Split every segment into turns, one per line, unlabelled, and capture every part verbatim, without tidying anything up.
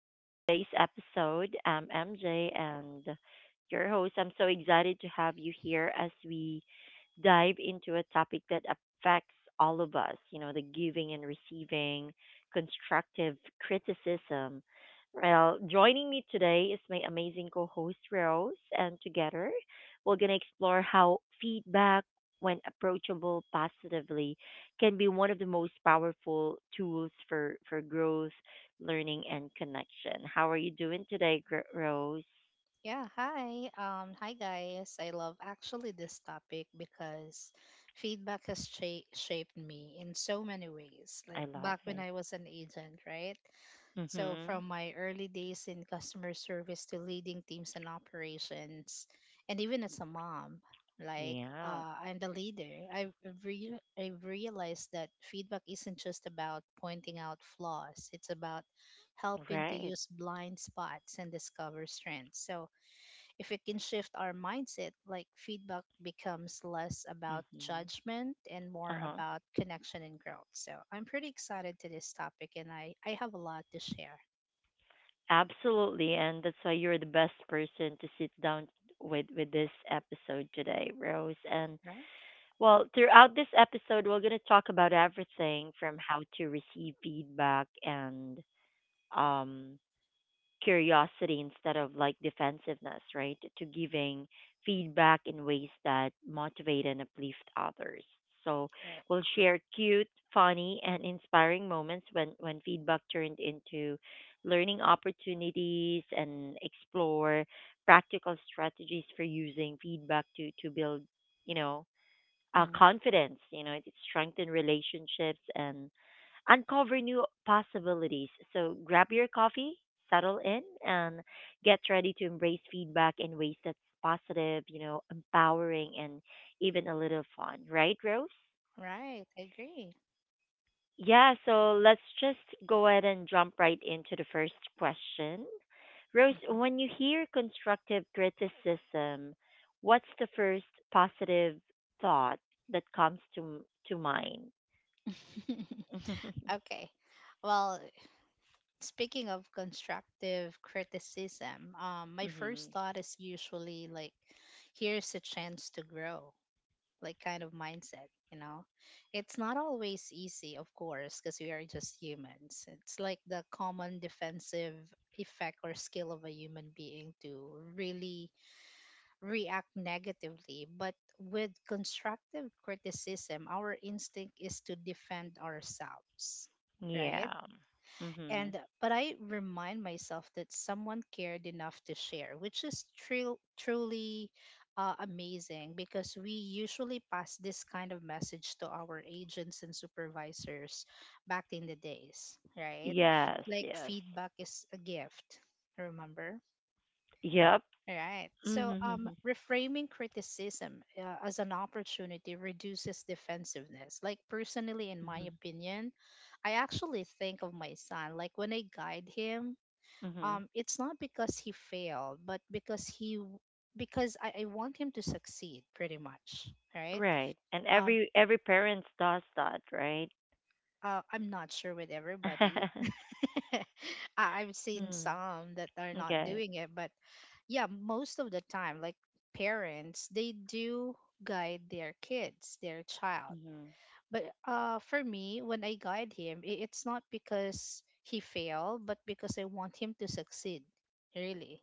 to today's episode. I'm M J and your host. I'm so excited to have you here as we dive into a topic that affects all of us you know, the giving and receiving, constructive criticism. Well, joining me today is my amazing co host, Rose, and together we're going to explore how feedback, when approachable positively, can be one of the most powerful tools for, for growth, learning, and connection. How are you doing today, Gr- Rose?
Yeah, hi. Um, hi guys. I love actually this topic because feedback has cha- shaped me in so many ways,
I
like
love
back when
it.
I was an agent, right? So
Mm-hmm.
from my early days in customer service to leading teams and operations, and even as a mom, like
Yeah,
uh, I'm the leader. I've re- I've realized that feedback isn't just about pointing out flaws. It's about helping to
right.
use blind spots and discover strengths. So if we can shift our mindset, like feedback becomes less about
Mm-hmm.
judgment and more
Uh-huh.
about connection and growth. So I'm pretty excited to this topic and I, I have a lot to share.
Absolutely, and that's why you're the best person to sit down with with this episode today, Rose. And
Right?
well, throughout this episode, we're going to talk about everything from how to receive feedback and um curiosity instead of like defensiveness, right? To giving feedback in ways that motivate and uplift others. So
Right.
we'll share cute, funny, and inspiring moments when, when feedback turned into learning opportunities and explore practical strategies for using feedback to, to build, you know, uh,
Mhm.
confidence. You know, it strengthen relationships and uncover new possibilities. So grab your coffee, settle in, and get ready to embrace feedback in ways that's positive, you know, empowering, and even a little fun, right, Rose?
Right. I agree.
Yeah, so let's just go ahead and jump right into the first question. Rose,
Mhm.
when you hear constructive criticism, what's the first positive thought that comes to to mind?
Okay. Well, speaking of constructive criticism, um, my
Hmm.
first thought is usually like, here's a chance to grow. Like kind of mindset, you know. It's not always easy, of course, because we are just humans. It's like the common defensive effect or skill of a human being to really react negatively, but with constructive criticism, our instinct is to defend ourselves, right?
Yeah. Hmm.
and uh, But I remind myself that someone cared enough to share, which is true, truly uh, amazing, because we usually pass this kind of message to our agents and supervisors back in the days, right?
Yes,
Like
yes.
feedback is a gift, remember.
Yep.
Right. So,
Mm-hmm.
um,
Mm-hmm.
reframing criticism uh, as an opportunity reduces defensiveness. Like, personally, in my opinion, I actually think of my son, like, when I guide him,
Mm-hmm.
um, it's not because he failed, but because he, w- because I, I want him to succeed, pretty much. Right.
Right. And
Um,
every every parent does that, right?
uh, I'm not sure with everybody, I- I've seen
Hmm.
some that are not
Okay.
doing it, but yeah, most of the time, like parents, they do guide their kids, their child.
Mhm.
But uh, for me, when I guide him, i- it's not because he failed, but because I want him to succeed, really.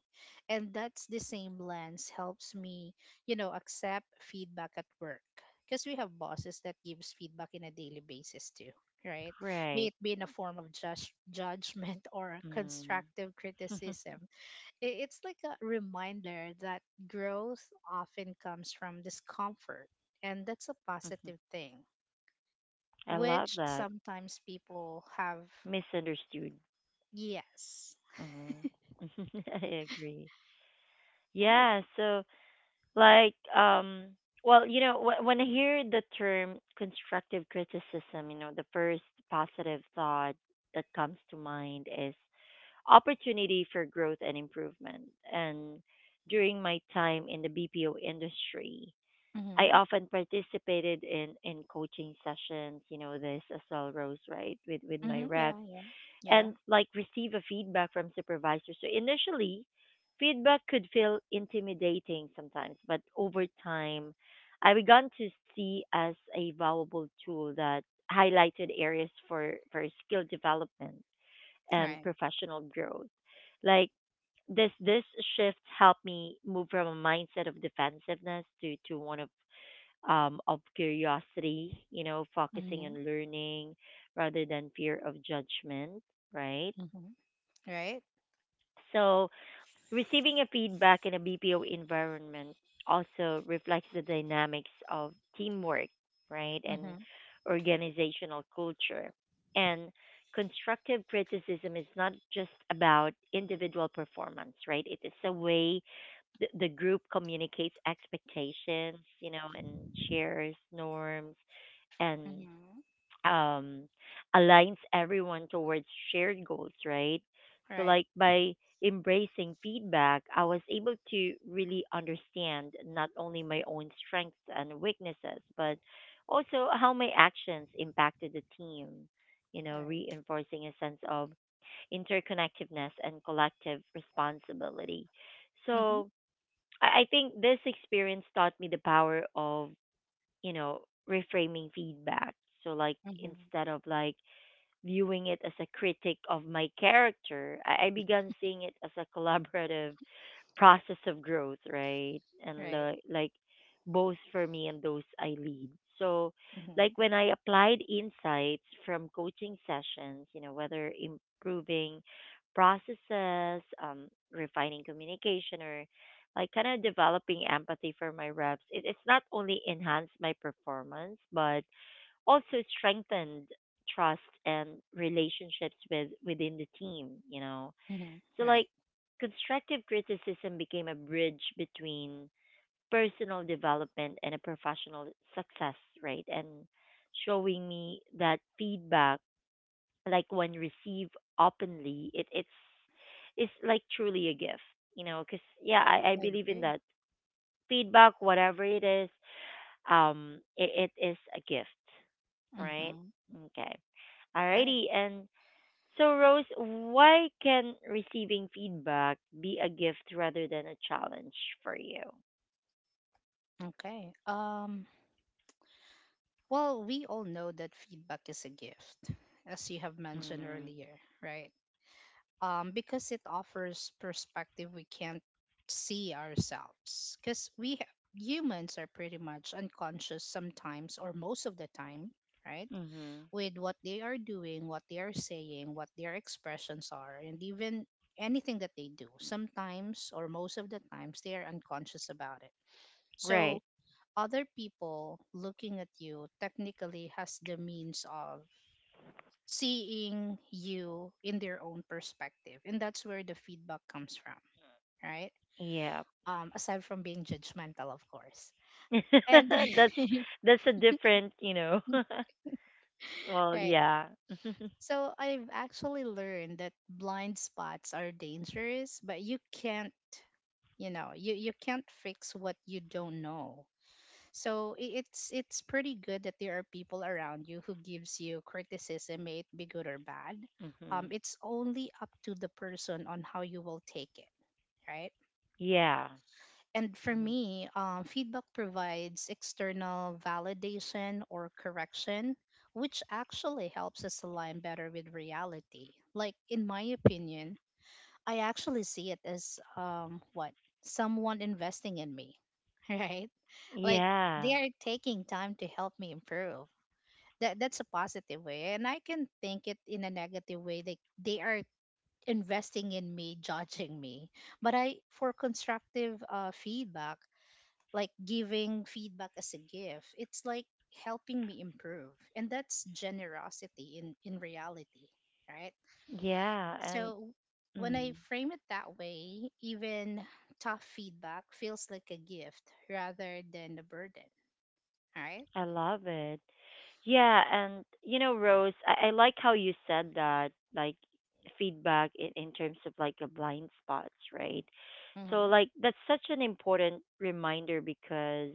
And that's the same lens helps me, you know, accept feedback at work, because we have bosses that gives feedback in a daily basis too, right? May
Right.
it be in a form of judge, judgment or
Mhm.
constructive
Mhm.
criticism. I- It's like a reminder that growth often comes from discomfort, and that's a positive thing,
I love
which
that.
sometimes people have.
Misunderstood.
Yes.
Uh huh. I agree.
Right.
Yeah, so like um well, you know, wh- when I hear the term constructive criticism, you know, the first positive thought that comes to mind is opportunity for growth and improvement. And during my time in the B P O industry, I
Mm-hmm.
often participated in, in coaching sessions, you know, this as well, Rose, right, with, with my
Mm-hmm. Yeah.
reps,
Yeah. Yeah.
and like receive a feedback from supervisors. So initially, feedback could feel intimidating sometimes, but over time, I began to see as a valuable tool that highlighted areas for, for skill development and
Right.
professional growth. Like this this shift helped me move from a mindset of defensiveness to to one of um of curiosity, you know, focusing
Mm-hmm.
on learning rather than fear of judgment, right?
Mm-hmm. Right.
So receiving a feedback in a B P O environment also reflects the dynamics of teamwork, right, and
Mm-hmm.
organizational culture. And constructive criticism is not just about individual performance, right? It is a way the, the group communicates expectations, you know, and shares norms and
Mm-hmm.
um, aligns everyone towards shared goals, right? So,
Right.
like by embracing feedback, I was able to really understand not only my own strengths and weaknesses, but also how my actions impacted the team, you know,
Right.
reinforcing a sense of interconnectedness and collective responsibility.
Mm-hmm.
So, I I think this experience taught me the power of you know, reframing feedback. So like
Mm-hmm.
instead of like viewing it as a critic of my character, I, I began seeing it as a collaborative process of growth, right? And
Right.
the, like both for me and those I lead. So,
Mm-hmm.
like when I applied insights from coaching sessions, you know, whether improving processes, um, refining communication, or like kind of developing empathy for my reps, it, it's not only enhanced my performance, but also strengthened trust and relationships with within the team, you know,
Mm-hmm.
so,
Right.
like, constructive criticism became a bridge between personal development and a professional success, right? And showing me that feedback, like when received openly, it, it's it's like truly a gift, you know? Because yeah, I, I
I
believe in
agree.
that feedback, whatever it is, um, it, it is a gift, right?
Mm-hmm.
Okay,
Right.
alrighty, and so, Rose, why can receiving feedback be a gift rather than a challenge for you?
Okay. Um. Well, we all know that feedback is a gift, as you have mentioned
Mm.
earlier, right? Um, because it offers perspective we can't see ourselves. Because we ha- humans are pretty much unconscious sometimes or most of the time, right?
Mm-hmm.
With what they are doing, what they are saying, what their expressions are, and even anything that they do. Sometimes or most of the times, they are unconscious about it. So
Right.
other people looking at you technically has the means of seeing you in their own perspective, and that's where the feedback comes from, right?
Yeah.
Um, aside from being judgmental, of course. And
that's that's a different, you know. Well,
right.
yeah.
So I've actually learned that blind spots are dangerous, but you can't you know you, you can't fix what you don't know. So i- it's it's pretty good that there are people around you who gives you criticism, may it be good or bad. Um,
Mm-hmm.
it's only up to the person on how you will take it, right.
Yeah.
And for
Mm-hmm.
me, um, feedback provides external validation or correction, which actually helps us align better with reality. Like, in my opinion, I actually see it as um, what? Someone investing in me, right? Like, they
Yeah.
are taking time to help me improve. That, that's a positive way. And I can think it in a negative way. They, they are investing in me, judging me. But I, for constructive uh, feedback, like giving feedback as a gift. It's like helping me improve. And that's generosity in, in reality, right?
Yeah, and
So when I
mm.
frame it that way, even tough feedback feels like a gift rather than a burden, right?
I love it. Yeah, and you know, Rose, I, I like how you said that, like feedback in, in terms of like a blind spots, right? So
Mm-hmm.
like that's such an important reminder because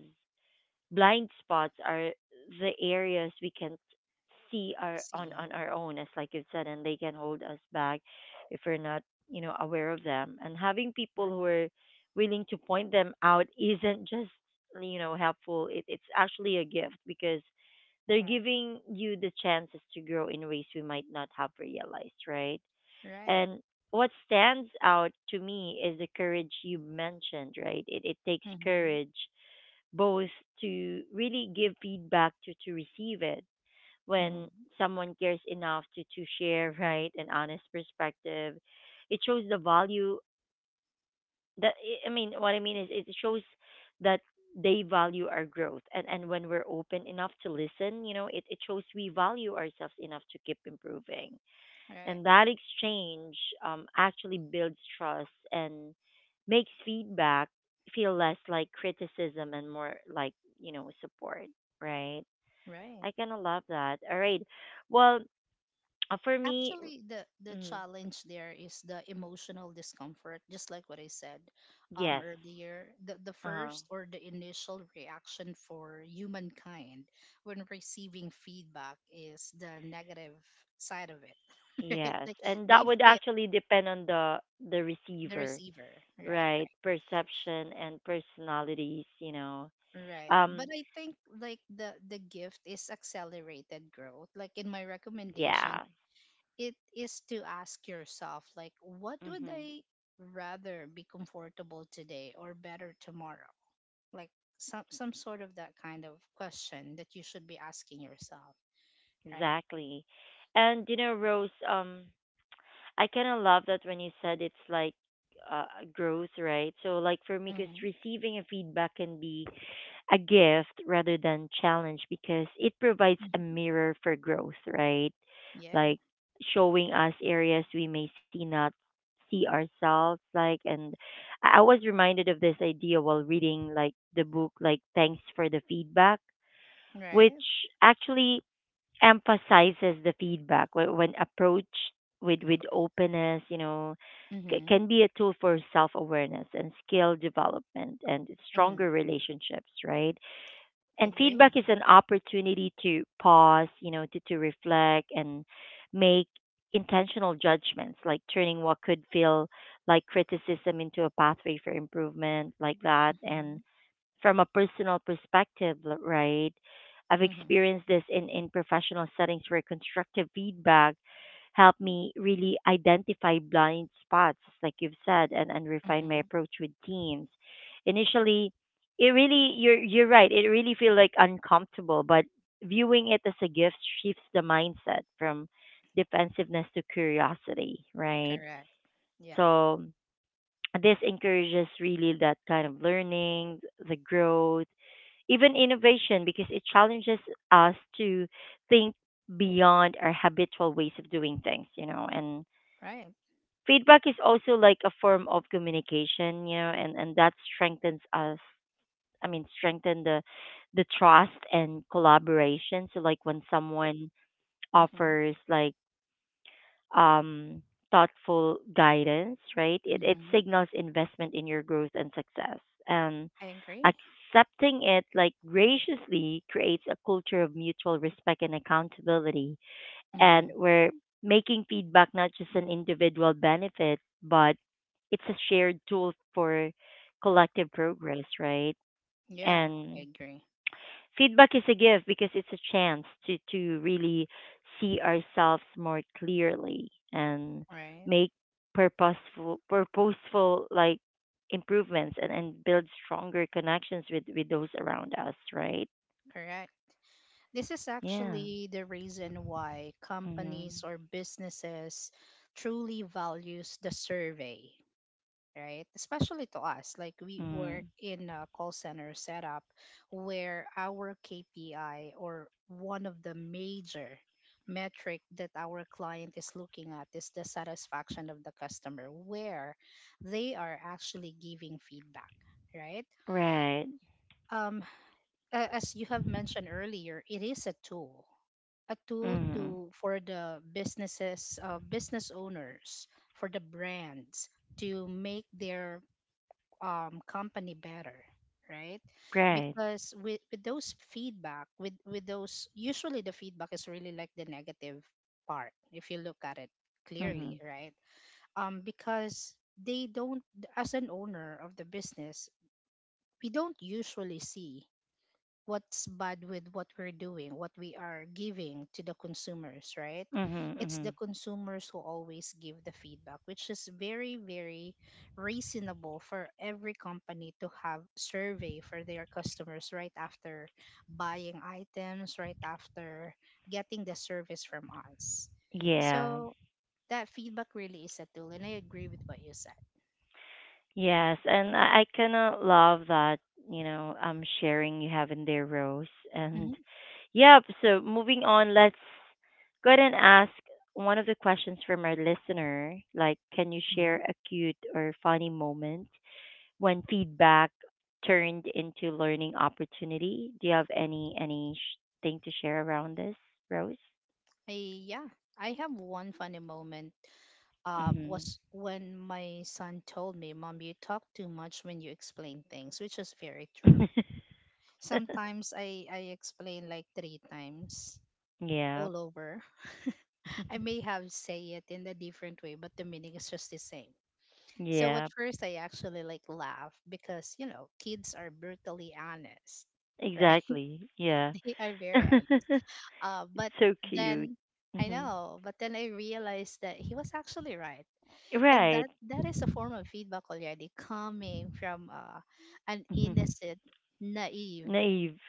blind spots are the areas we can't see our on
See,
on our own as like you said, and they can hold us back if we're not, you know, aware of them. And having people
right,
who are willing to point them out isn't just, you know, helpful; it, it's actually a gift because they're
right,
giving you the chances to grow in ways we might not have realized, right?
right.
And what stands out to me is the courage you mentioned, right? It, it takes
Mm-hmm.
courage both to really give feedback to to receive it when
Mm-hmm.
someone cares enough to to share, right, an honest perspective. It shows the value that i I mean, what I mean is it shows that they value our growth. and and when we're open enough to listen, you know, it, it shows we value ourselves enough to keep improving,
Right,
and that exchange, um, actually builds trust and makes feedback feel less like criticism and more like, you know, support, right?
right.
I kind of love that. All right. Well, uh, for me,
Actually, the the
mm,
challenge there is the emotional discomfort, just like what I said um
yes.
earlier. the the
Uh,
first or the initial reaction for humankind when receiving feedback is the negative side of it, right?
yes.
Like
And
they
that would
feel,
actually depend on the the
the
receiver,
receiver, right,
right?
right,
Perception and personalities, you know.
right. But
Um
I think like the the gift is accelerated growth. Like in my recommendation,
yeah,
it is to ask yourself like, what would
mhm,
I rather be, comfortable today or better tomorrow? Like some some sort of that kind of question that you should be asking yourself, right.
exactly. And you know, Rose, um I kind of love that when you said it's like uh, growth, right? So, like for me, because
Mm-hmm.
receiving a feedback can be a gift rather than challenge because it provides a
Hmm.
mirror for growth, right?
Yeah.
Like showing us areas we may see not see ourselves like, and i I was reminded of this idea while reading like the book like "Thanks for the Feedback," which
Right.
actually emphasizes the feedback wh- when approached with with openness, you know, c-
Mm-hmm.
can be a tool for self-awareness and skill development and
Mm-hmm.
stronger relationships, right? And
Agree.
feedback is an opportunity to pause, you know, to, to reflect and make intentional judgments, like turning what could feel like criticism into a pathway for improvement like that.
Mm-hmm.
And from a personal perspective, l- right? I've
Mm-hmm.
experienced this in, in professional settings where constructive feedback helped me really identify blind spots, like you've said, and, and refine my
Mm-hmm.
approach with teams. Initially, it really you're you're right, it really feel like uncomfortable, but viewing it as a gift shifts the mindset from defensiveness to curiosity, right?
Correct. Yeah.
So this encourages really that kind of learning, the growth, even innovation, because it challenges us to think beyond our habitual ways of doing things, you know. And
Right.
feedback is also like a form of communication, you know, and, and that strengthens us. I mean, strengthen the the trust and collaboration. So, like when someone
Mm-hmm.
offers like um, thoughtful guidance, right? It, it
Mm-hmm.
signals investment in your growth and success. And
I agree.
accepting it like graciously creates a culture of mutual respect and accountability. And
Mm-hmm.
we're making feedback not just an individual benefit, but it's a shared tool for collective progress, right?
Yeah. I
And
agree.
feedback is a gift because it's a chance to to really see ourselves more clearly and
Right.
make purposeful purposeful like improvements, and, and build stronger connections with with those around us, right?
Correct. This is
Yeah.
actually the reason why
Mhm.
companies or businesses truly values the survey, right? Especially to us, like we work
Mm.
in a call center setup where our K P I, or one of the major metric that our client is looking at, is the satisfaction of the customer, where they are actually giving feedback, right?
Right.
Um, uh, as you have mentioned earlier, it is a tool, a tool
Mhm.
to for the businesses, uh, business owners, for the brands to make their um, company better, right?
Right.
Because with, with those feedback, with with those, usually the feedback is really like the negative part if you look at it clearly,
Mhm.
right? Um, because they don't, as an owner of the business, we don't usually see what's bad with what we're doing, what we are giving to the consumers, right?
Mhm.
It's the
Mhm.
consumers who always give the feedback, which is very, very reasonable for every company to have survey for their customers right after buying items, right after getting the service from us.
Yeah.
So that feedback really is a tool, and I agree with what you said.
Yes, and I, I kind of love that, you know, um sharing you have in there, Rose. And yep, so moving on, let's go ahead and ask one of the questions from our listener, like can you
Hmm.
share a cute or funny moment when feedback turned into learning opportunity? Do you have any any sh- thing to share around this, Rose?
I, yeah, I have one funny moment, um,
Mhm.
was when my son told me, Mom, you talk too much when you explain things, which is very true. Sometimes I, I explain like three times
Yeah.
all over. I may have say it in a different way, but the meaning is just the same. So at
Yeah.
first I actually like laugh because, you know, kids are brutally honest, right?
Exactly. Yeah.
They are very honest. Uh, but
So cute.
then, I
Hmm.
know, but then I realized that he was actually right. And
Right.
that that is a form of feedback already coming from uh, an
Hmm.
innocent, naive,
Naive.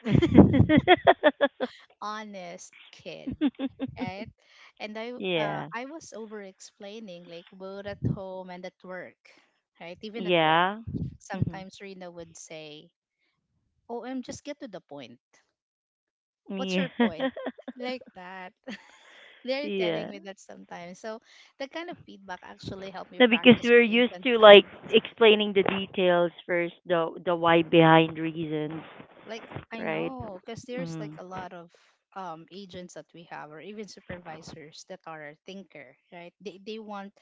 honest kid, right. and i uh,
Yeah.
i was over explaining like both at home and at work, right. Even at work,
Yeah. Hmm.
sometimes Rena would say, oh, I'm just get to the point, what's
Yeah.
your point, like that. They're telling
Yeah.
me that sometimes. So that kind of feedback actually helped me
No, because
practice
we're
being
used to like
concise.
explaining the details first, the the why behind reasons,
Like, I
right?
know, because there's like
Mm.
a lot of um agents that we have, or even supervisors that are thinker, right? They they want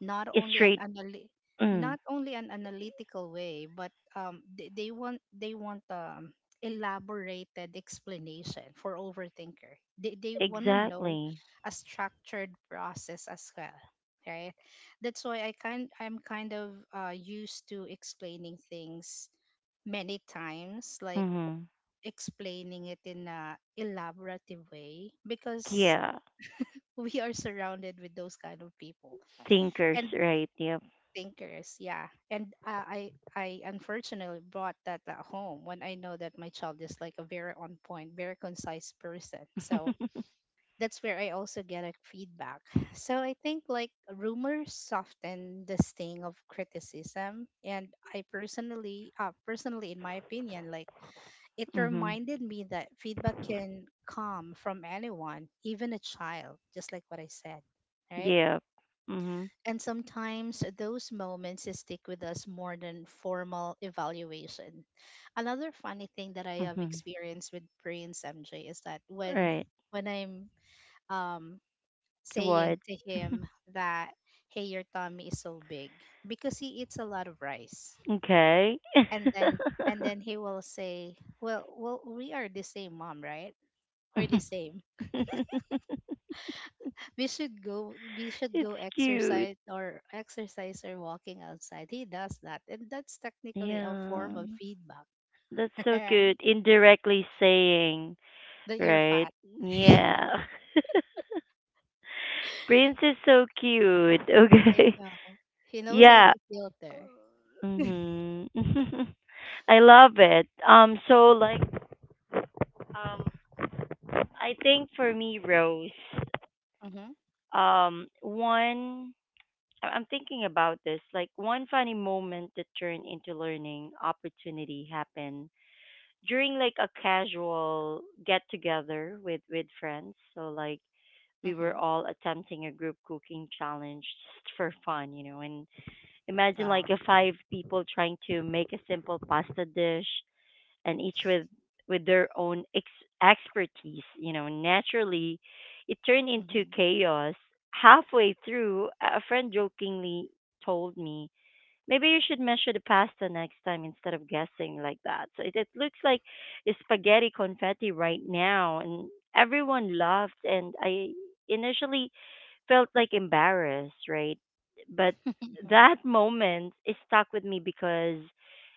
not
It's
only an
straight.
anal
Mm.
not only an analytical way, but um they, they want they want um elaborated explanation for overthinker. They they wanna know
Exactly.
a structured process as well. Right. That's why I kind I'm kind of uh, used to explaining things many times, like
Mhm.
explaining it in a elaborative way, because
Yeah.
we are surrounded with those kind of people
Thinkers,
and
right? Yep.
thinkers, yeah. And uh, i i unfortunately brought that at home, when I know that my child is like a very on point, very concise person. So that's where I also get a feedback. So I think like rumors soften the sting of criticism. And I personally, uh, personally in my opinion, like, it
Mhm.
reminded me that feedback can come from anyone, even a child, just like what I said, right?
Yep. Mhm.
And sometimes those moments stick with us more than formal evaluation. Another funny thing that I have
Mhm.
experienced with Prince M J is that when
Right.
when I'm um saying
What?
to him that, hey, your tummy is so big, because he eats a lot of rice.
Okay.
And then and then he will say, well well we are the same, mom, right? Or the same. We should go we should
It's
go
cute.
exercise, or exercise or walking outside. He does that. And that's technically a form
Yeah.
of feedback.
That's so
Right?
good. Indirectly saying,
That you're
right?
fat.
Yeah. Prince is so cute.
I
Okay.
know. He knows how
Yeah.
to filter.
Mhm. I love it. Um so like um I think for me Rose,
Mm-hmm.
um one I- I'm thinking about this. Like one funny moment that turned into learning opportunity happened during like a casual get together with with friends. So like we
Mm-hmm.
were all attempting a group cooking challenge just for fun, you know. And imagine
Wow.
like a five people trying to make a simple pasta dish and each with with their own ex- expertise. You know, naturally, it turned
Mm-hmm.
into chaos. Halfway through, a a friend jokingly told me, "Maybe you should measure the pasta next time instead of guessing like that." So it, it looks like spaghetti confetti right now, and everyone laughed. And I initially felt like embarrassed, right? But that moment is stuck with me because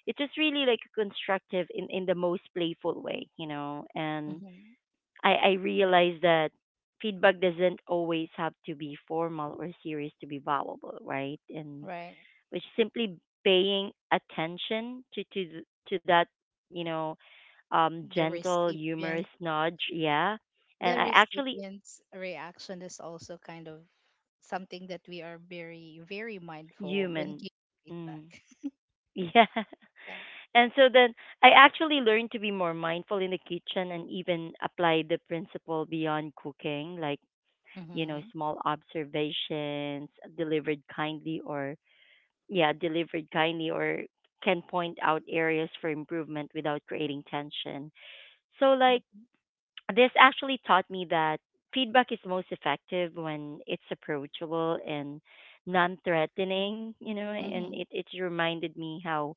it was really like constructive in, in the most playful way, you know. And
mm-hmm.
I, I realized that feedback doesn't always have to be formal or serious to be valuable, right? And
Right.
which simply paying attention to to th- to that, you know, um,
The
gentle,
recipient,
humorous nudge, yeah. And
the
I actually
recipient's reaction is also kind of something that we are very, very mindful when
human,
giving feedback.
mm, yeah.
Yeah.
And so then I actually learned to be more mindful in the kitchen and even apply the principle beyond cooking, like, you know,
Mm-hmm.
small observations delivered kindly or, yeah, delivered kindly or can point out areas for improvement without creating tension. So, like,
Mm-hmm.
this actually taught me that feedback is most effective when it's approachable and non-threatening, you know, and
Mm-hmm.
it, it reminded me how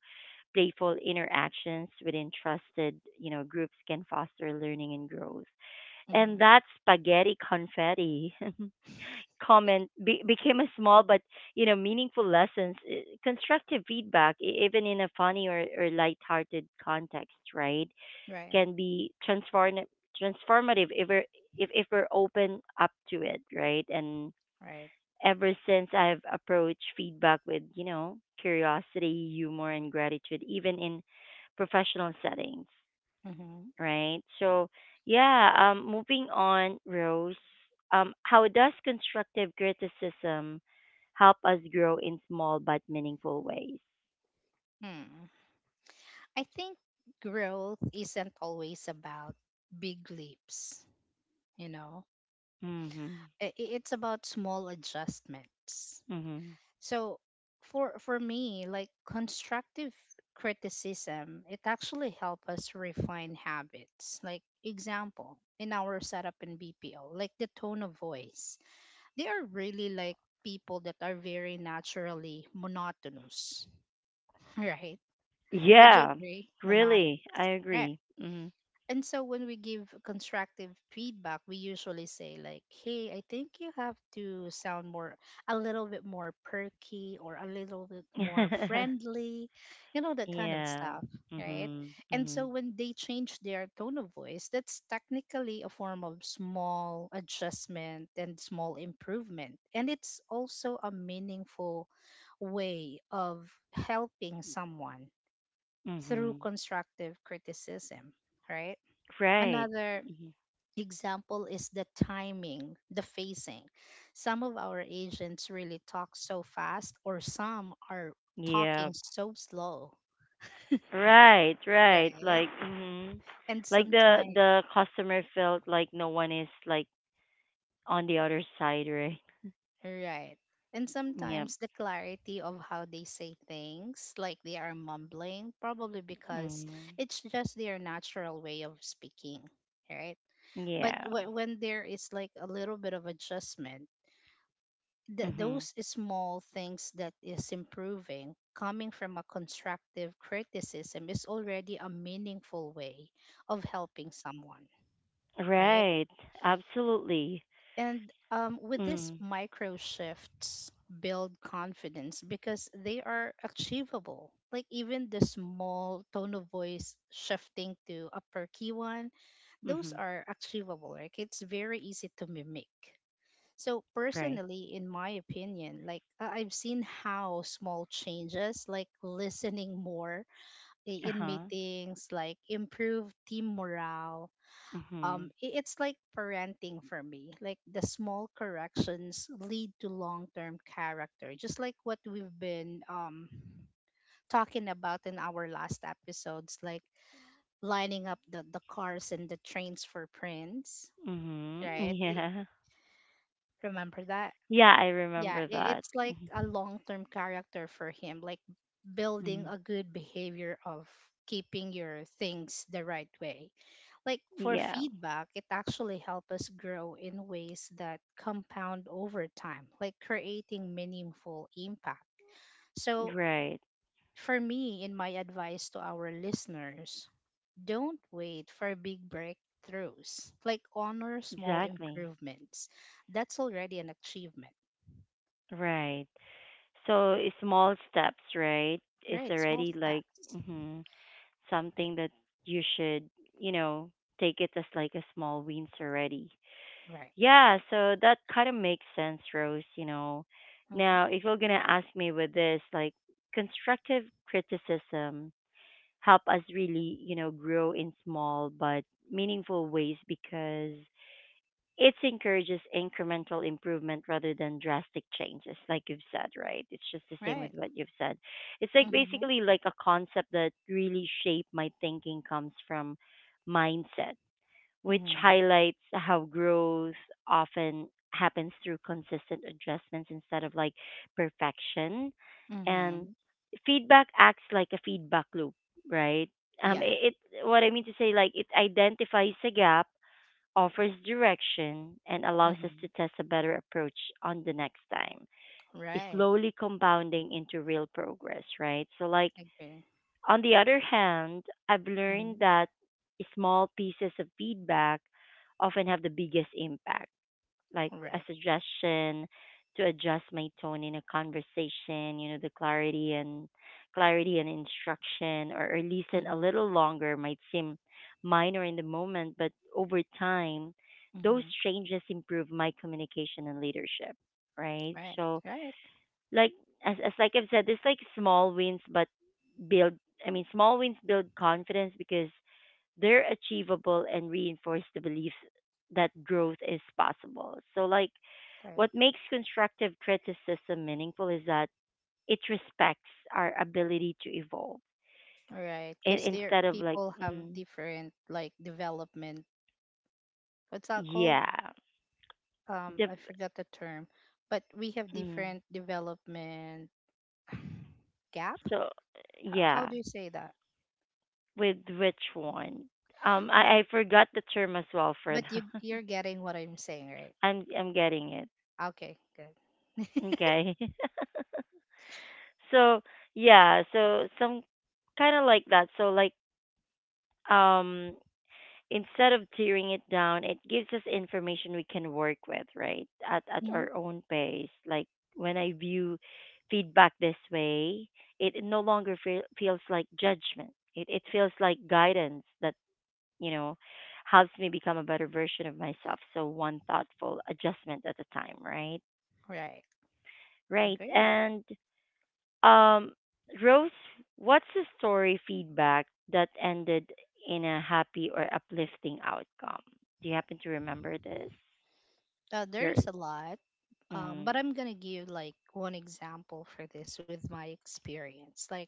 playful interactions within trusted, you know, groups can foster learning and growth. And
Mm-hmm.
that spaghetti confetti comment be- became a small but, you know, meaningful lessons, eh, constructive feedback, e- even in a funny or, or lighthearted context, right?
Right,
Can be transform transformative if we're if, if we're open up to it, right? And
right.
ever since I've approached feedback with, you know, curiosity, humor and gratitude, even in professional settings,
Mm-hmm.
right? So yeah, um moving on, Rose. Um, how does constructive criticism help us grow in small but meaningful ways?
Hmm. I think growth isn't always about big leaps, you know.
Mm-hmm.
I- i- It's about small adjustments.
Mm-hmm.
So for for me, like constructive criticism, it actually helps us refine habits. Like example, in our setup in B P O, like the tone of voice. They are really like people that are very naturally monotonous, right? Would you
Yeah,
agree? Monotonous.
really, I
Right.
agree. Mm-hmm.
And so when we give constructive feedback, we usually say like, "Hey, I think you have to sound more a little bit more perky or a little bit more friendly." You know that kind of
yeah.
stuff, right?
Mhm.
And so
Mhm.
when they change their tone of voice, that's technically a form of small adjustment and small improvement. And it's also a meaningful way of helping someone through
Mhm.
constructive criticism, right?
Right.
Another
Mhm.
example is the timing, the phasing. Some of our agents really talk so fast, or some are
Yeah.
talking so slow,
Right. Right.
right?
Like. Mhm.
And
Like the
sometimes,
the customer felt like no one is like on the other side, right?
right. And
Yep.
sometimes the clarity of how they say things, like they are mumbling, probably because
Mhm.
it's just their natural way of speaking, right? But
Yeah.
wh- when there is like a little bit of adjustment, th-
Mhm.
those small things that is improving coming from a constructive criticism is already a meaningful way of helping someone, right?
Right. Absolutely.
And um, with these
Mm.
micro shifts build confidence, because they are achievable. Like even the small tone of voice shifting to a perky one, those
Mhm.
are achievable, like it's very easy to mimic. So
Right.
personally, in my opinion, like I- I've seen how small changes, like listening more i-
Uh
in
huh.
meetings, like improve team morale. Um,
Mhm.
i- it's like parenting for me. Like the small corrections lead to long-term character, just like what we've been um talking about in our last episodes, like lining up the the cars and the trains for prints,
Mhm.
right? I
Yeah.
remember that?
Yeah, I
Yeah,
remember
i-
that.
it's like a
Mhm.
long-term character for him, like building
Mhm.
a good behavior of keeping your things the right way. Like, for
Yeah.
feedback, it actually helps us grow in ways that compound over time, like creating meaningful impact. So
Right.
for me, in my advice to our listeners, don't wait for big breakthroughs. Like, honor small
Exactly.
improvements. That's already an achievement,
Right. So i- small steps, right, is
right? Small
already like
steps.
mhm, something that you should, you know, take it as like a small wins already.
Right.
Yeah. So that kind of makes sense, Rose. You know,
Hmm.
now if you're gonna ask me with this, like constructive criticism help us really, you know, grow in small but meaningful ways because it encourages incremental improvement rather than drastic changes like you've said, right? It's just the same with
Right.
what you've said. It's like
Mm-hmm.
basically like a concept that really shaped my thinking comes from mindset, which
Mm-hmm.
highlights how growth often happens through consistent adjustments instead of like perfection. And
Mm-hmm.
feedback acts like a feedback loop, right? um
Yeah.
it, it what I mean to say, like it identifies a gap, offers direction, and allows us to
Mm-hmm.
test a better approach on the next time, is
Right.
slowly compounding into real progress, right? So, like,
Agree.
on the other hand, I've learned
Mm-hmm.
that small pieces of feedback often have the biggest impact, like a
Right.
suggestion to adjust my tone in a conversation, you know, the clarity and clarity and instruction or, or listen a
Mm-hmm.
little longer might seem minor in the moment, but over time, those
Mm-hmm.
changes improve my communication and leadership, right?
Right.
So
Right.
like as, as like I've said, it's like small wins but build, I mean small wins build confidence because they're achievable and reinforce the belief that growth is possible. So, like,
Right.
what makes constructive criticism meaningful is that it respects our ability to evolve,
Right.
in,
Because there
instead of like,
people have
mm,
different like development. What's that called?
yeah,
Um,
the,
I forgot the term. But we have
mm,
different development gap.
so
How, how
yeah,
do you say that?
with which one? Um,
Y-
I, I forgot the term as well for
But you
that.
you're getting what I'm saying, right?
I'm I'm getting it.
Okay. Good.
Okay. so yeah, so some kind of like that. So like um instead of tearing it down, it gives us information we can work with, right? At at
Mm-hmm.
our own pace, like when I view feedback this way, it it no longer feel, feels like judgment. It it feels like guidance that, you know, helps me become a better version of myself, so one thoughtful adjustment at a time, right?
Right.
Right,
Agree.
and um, Rose, what's a story feedback that ended in a happy or uplifting outcome? Do you happen to remember this?
Uh,
Your
there's a lot, um, but
mm,
I'm gonna give like one example for this with my experience. Like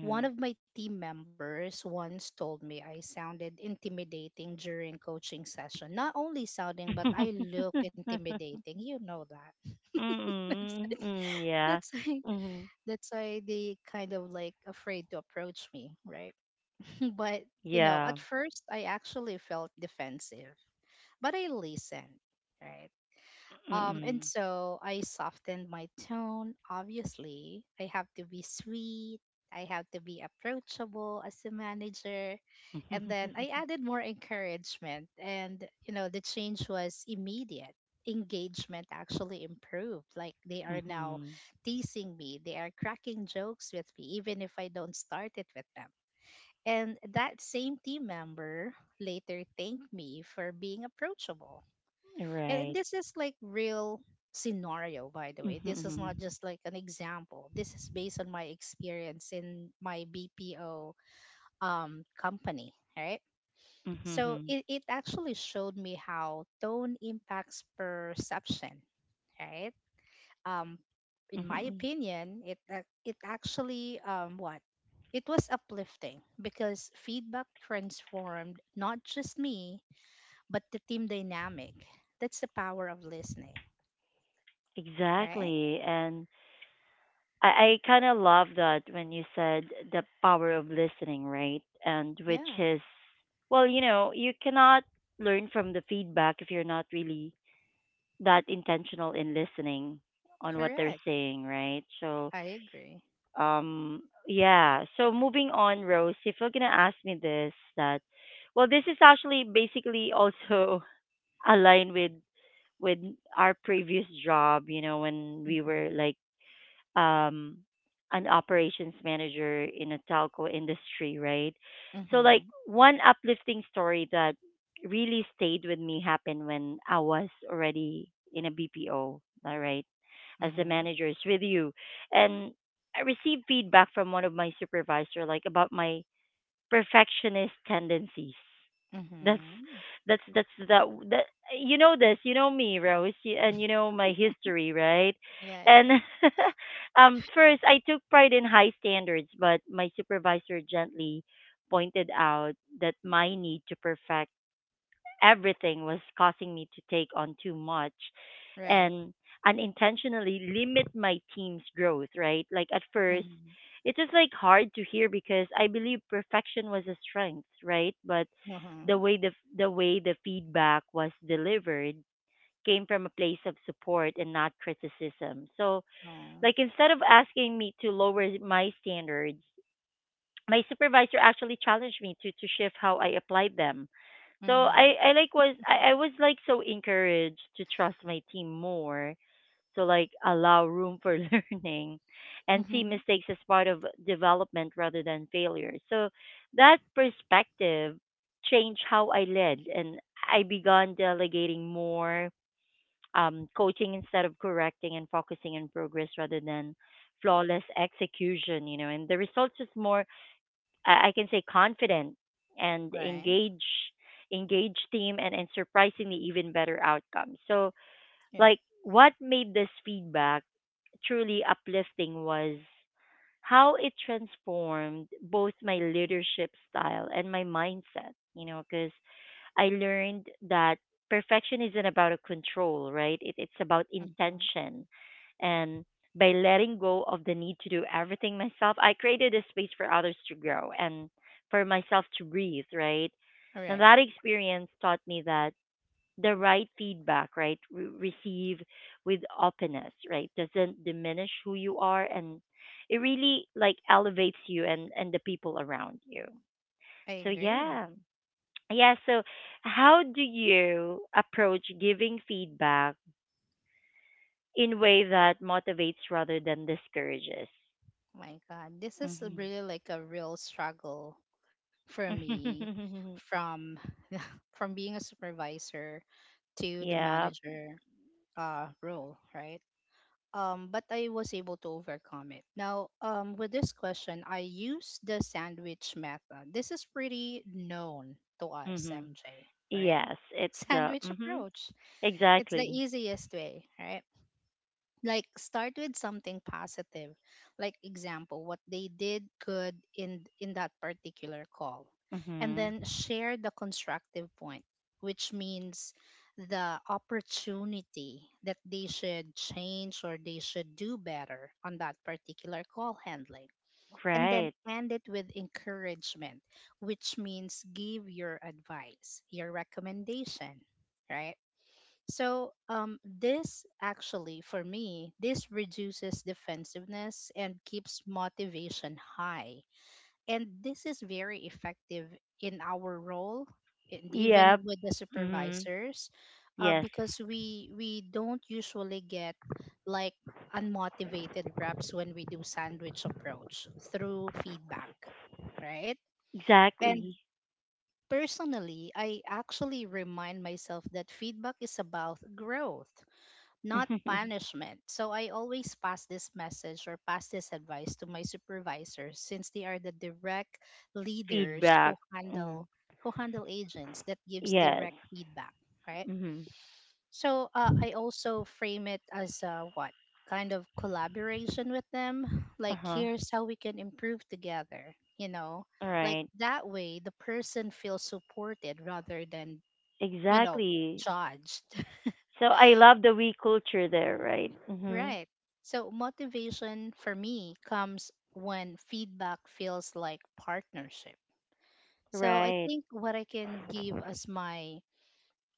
one of my team members once told me I sounded intimidating during coaching session. Not only sounding, but I look intimidating. You know that. that's
mm, mm, yeah.
that's why
Mm,
that's why they kind of like afraid to approach me, right? But you know,
yeah.
at first I actually felt defensive, but I listened, right? Um, and
Mm,
so I softened my tone. Obviously, I have to be sweet. I have to be approachable as a manager. And then I added more encouragement. And, you know, the change was immediate. Engagement actually improved. Like they are now
mm.
teasing me, they are cracking jokes with me, even if I don't start it with them. And that same team member later thanked me for being approachable, and
Right.
this is like real scenario, by the way.
Mm-hmm.
This is
Mm-hmm.
not just like an example. This is based on my experience in my BPO um company, right? So
Mm-hmm,
it, it actually showed me how tone impacts perception, right? um in my
mm-hmm.
opinion, it ac- it actually, um what, it was uplifting because feedback transformed not just me, but the team dynamic. That's the power of listening, right?
Exactly. And I, I kind of love that when you said the power of listening, right? And which
Yeah,
is, well, you know, you cannot learn from the feedback if you're not really that intentional in listening on what they're
correct.
saying, right? So,
I agree.
um, yeah. So moving on, Rose, if you're gonna ask me this, that, well, this is actually basically also aligned with with our previous job. You know, when we were
Mhm.
like um, an operations manager in a telco industry, right? So, like,
Mhm.
one uplifting story that really stayed with me happened when I was already in a B P O, all right, as the
Mhm.
manager is with you. And I received feedback from one of my supervisor, like, about my perfectionist tendencies. That's
Mhm.
that's that's that that you know this, you know me, Rose, y- and you know my history, right?
Yeah, yeah, yeah.
And um first I took pride in high standards, but my supervisor gently pointed out that my need to perfect everything was causing me to take on too much
Right.
and unintentionally limit my team's growth, right? Like at first,
Mhm.
it was like hard to hear because I believe perfection was a strength, right? But the
Mhm.
way the the way the feedback was delivered came from a place of support and not criticism. So,
Oh.
like instead of asking me to lower my standards, my supervisor actually challenged me to to shift how I applied them. So I
Mhm.
I like was I, I was like so encouraged to trust my team more, to like allow room for learning and see
Mhm.
mistakes as part of development rather than failure. So that perspective changed how I led, and I began delegating more, um, coaching instead of correcting and focusing on progress rather than flawless execution, you know, and the results is more, I I can say, confident and
Right.
engage, engage team, and, and surprisingly even better outcomes. So
Right.
like what made this feedback truly uplifting was how it transformed both my leadership style and my mindset, you know, because I learned that perfection isn't about a control, right? It, it's about
Mhm.
intention. And by letting go of the need to do everything myself, I created a space for others to grow and for myself to breathe, right? And
Right.
that experience taught me that the right feedback, right, re- receive with openness, right, doesn't diminish who you are, and it really like elevates you and and the people around you.
I
So
agree.
yeah. Yeah, so how do you approach giving feedback in way that motivates rather than discourages?
My God, this is
Hmm.
really like a real struggle for me, from from being a supervisor to the
yeah.
manager uh role, right? Um, but I was able to overcome it. Now, um, with this question, I use the sandwich method. This is pretty known to us,
Hmm.
M J, right?
Yes, it's the
Sandwich
hmm
approach. It's the
exactly.
easiest way, right? Like start with something positive, like example what they did good in in that particular call, and
Hmm.
then share the constructive point, which means the opportunity that they should change or they should do better on that particular call handling, and then
Right.
end it with encouragement, which means give your advice, your recommendation, right? So, um, this actually, for me, this reduces defensiveness and keeps motivation high. And this is very effective in our role and
Yep.
even with the
Hmm.
supervisors, uh,
Yes.
because we we don't usually get like unmotivated reps when we do sandwich approach through feedback, right? And
Exactly.
personally, I actually remind myself that feedback is about growth, not punishment. So I always pass this message or pass this advice to my supervisors, since they are the direct leaders
Feedback.
who handle
Mm.
who handle agents that gives
Yes.
direct feedback, right?
Hmm.
So, uh, I also frame it as a what kind of collaboration with them, like
Uh-huh.
here's how we can improve together, you know?
All
Like
right.
that way the person feels supported rather than, you know,
Exactly.
judged.
So I love the we culture there, right? Mm-hmm.
Right. So motivation for me comes when feedback feels like partnership. So I
Right.
think what I can give as my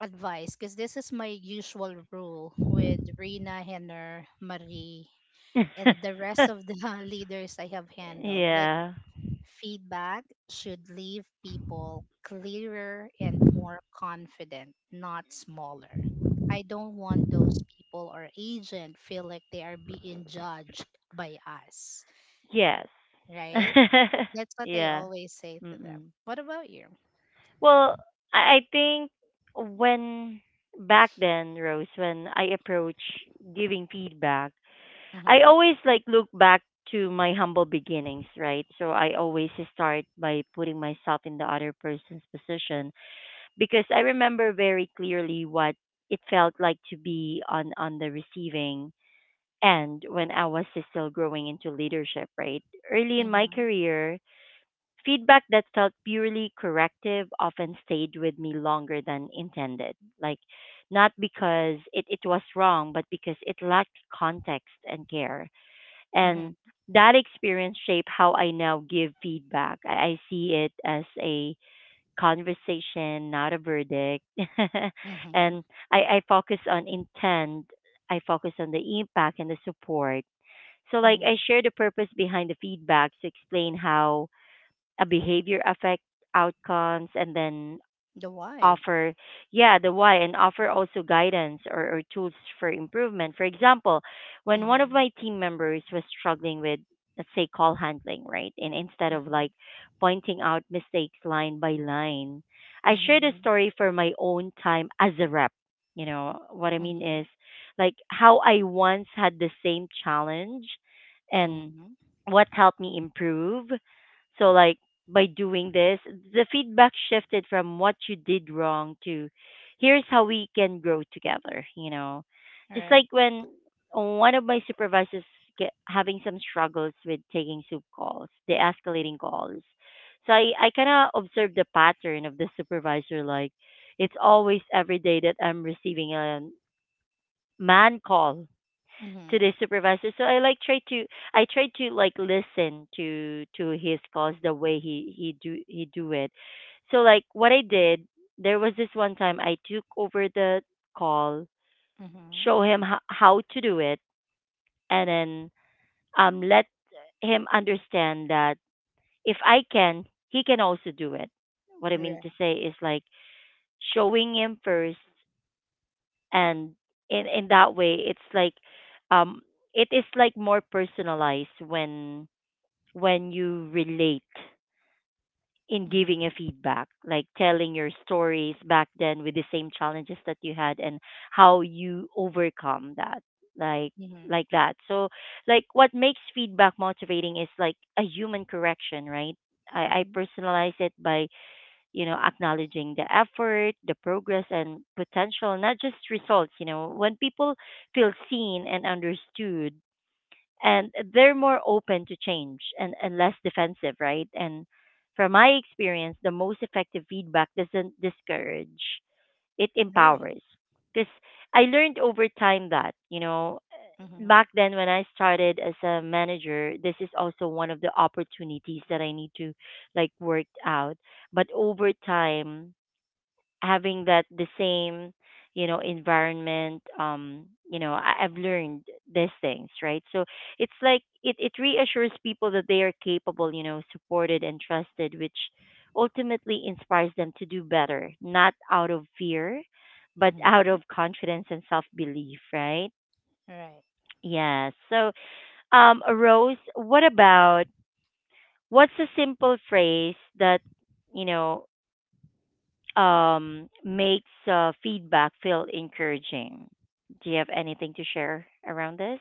advice, because this is my usual rule with Rina, Henner, Marie, and the rest of the leaders I have handled. Like,
yeah.
feedback should leave people clearer and more confident, not smaller. I don't want those people or agent feel like they are being judged by us,
Yes.
right? That's what I
yeah.
always say to them.
Mm-mm.
What about you?
Well, I, I think when back then, Rose, when I approach giving feedback, I
Mm-hmm,
always like look back to my humble beginnings, right? So I always start by putting myself in the other person's position because I remember very clearly what it felt like to be on on the receiving end when I was still growing into leadership, right? Early in my
mm-hmm,
career, feedback that felt purely corrective often stayed with me longer than intended. Like not because it, it was wrong, but because it lacked context and care.
mm-hmm,
And that experience shaped how I now give feedback. I, I see it as a conversation, not a verdict.
mm-hmm,
And I, I focus on intent. I focus on the impact and the support. So, like,
mm-hmm.
I share the purpose behind the feedback to explain how a behavior affects outcomes, and then
The why?
offer yeah the why and offer also guidance or, or tools for improvement. For example, when one of
Mm-hmm,
my team members was struggling with, let's say, call handling, right? And instead of
mm-hmm,
like pointing out mistakes line by line, I shared a
mm-hmm,
story for my own time as a rep, you know what I mean,
mm-hmm,
is like how I once had the same challenge and
mm-hmm.
what helped me improve. So like by doing this, the feedback shifted from what you did wrong to here's how we can grow together, you know. Just
Right.
like when one of my supervisors get having some struggles with taking soup calls, the escalating calls. So I, I kind of observed the pattern of the supervisor. Like, it's always every day that I'm receiving a man call to
Mm-hmm,
the supervisor. So I like try to I try to like listen to to his calls the way he he do he do it. So like what I did, there was this one time I took over the call,
mm-hmm.
show him ho- how to do it, and then um let him understand that if I can, he can also do it. What I mean to
Right.
say is like showing him first and in in that way it's like um it is like more personalized when when you relate in
Mm-hmm,
giving a feedback, like telling your stories back then with the same challenges that you had and how you overcome that, like
mm-hmm,
like that. So like, what makes feedback motivating is like a human correction, right? I i
mm-hmm.
personalize it by you know, acknowledging the effort, the progress, and potential, not just results. You know, when people feel seen and understood, and they're more open to change, and, and less defensive, right? And from my experience, the most effective feedback doesn't discourage, it
Right.
empowers. Because I learned over time that, you know,
Mm-hmm.
back then when I started as a manager, this is also one of the opportunities that I need to like work out, but over time, having that the same, you know, environment, um you know, I, i've learned these things, right? So it's like it, it reassures people that they are capable, you know, supported and trusted, which ultimately inspires them to do better, not out of fear but out
Mm-hmm.
of confidence and self belief, right?
Right.
Yes, so um Rose, what about, what's a simple phrase that, you know, um, makes uh, feedback feel encouraging? Do you have anything to share around this?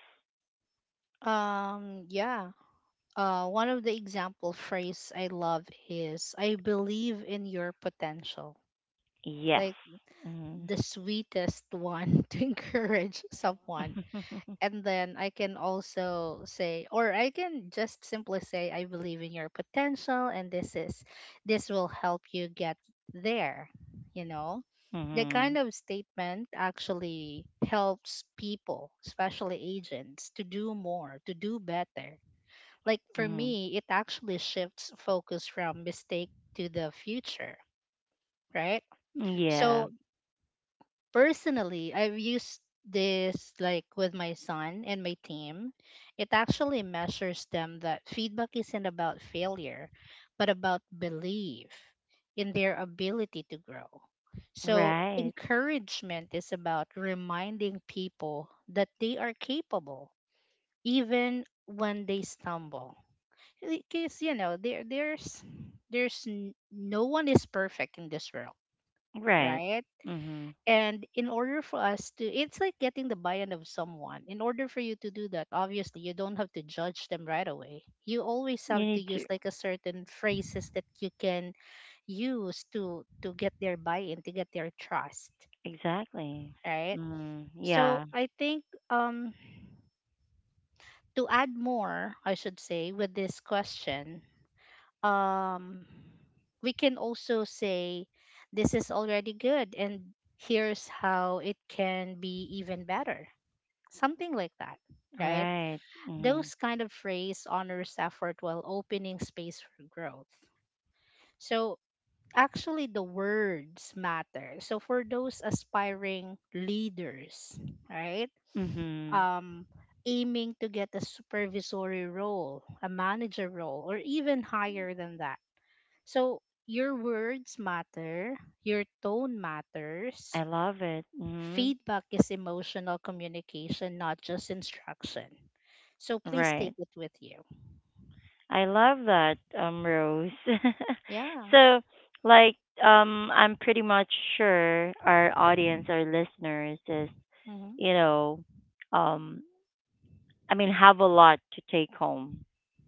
Um, yeah. Uh, one of the example phrase I love is, "I believe in your potential."
Yes.
Like
Mm-hmm.
the sweetest one to encourage someone. And then I can also say, or I can just simply say, I believe in your potential, and this is this will help you get there. You know, that
Mm-hmm.
kind of statement actually helps people, especially agents, to do more, to do better. Like for
Mm-hmm.
me, it actually shifts focus from mistake to the future, right?
Yeah.
So personally, I've used this like with my son and my team. It actually measures them that feedback isn't about failure, but about belief in their ability to grow. So,
Right.
encouragement is about reminding people that they are capable even when they stumble, because you know there there's there's n- no one is perfect in this world,
Right.
right?
Mm-hmm.
And in order for us to, it's like getting the buy in of someone. In order for you to do that, obviously, you don't have to judge them right away. You always have
You
to
need
use
to
like a certain phrases that you can use to to get their buy in, to get their trust,
exactly.
right?
Mm,
So
yeah.
I think, um, to add more, I should say, with this question, um, we can also say this is already good and here's how it can be even better, something like that, right?
Right. Mm-hmm.
Those kind of phrase honors effort while opening space for growth. So actually the words matter. So for those aspiring leaders, right?
Mm-hmm.
Um Aiming to get a supervisory role, a manager role, or even higher than that. So your words matter, your tone matters.
I love it. Mm-hmm.
Feedback is emotional communication, not just instruction. So please take
Right.
it with you.
I love that, um, Rose.
Yeah.
So, like, um, I'm pretty much sure our audience, our listeners, is,
Hmm.
you know, um, I mean, have a lot to take home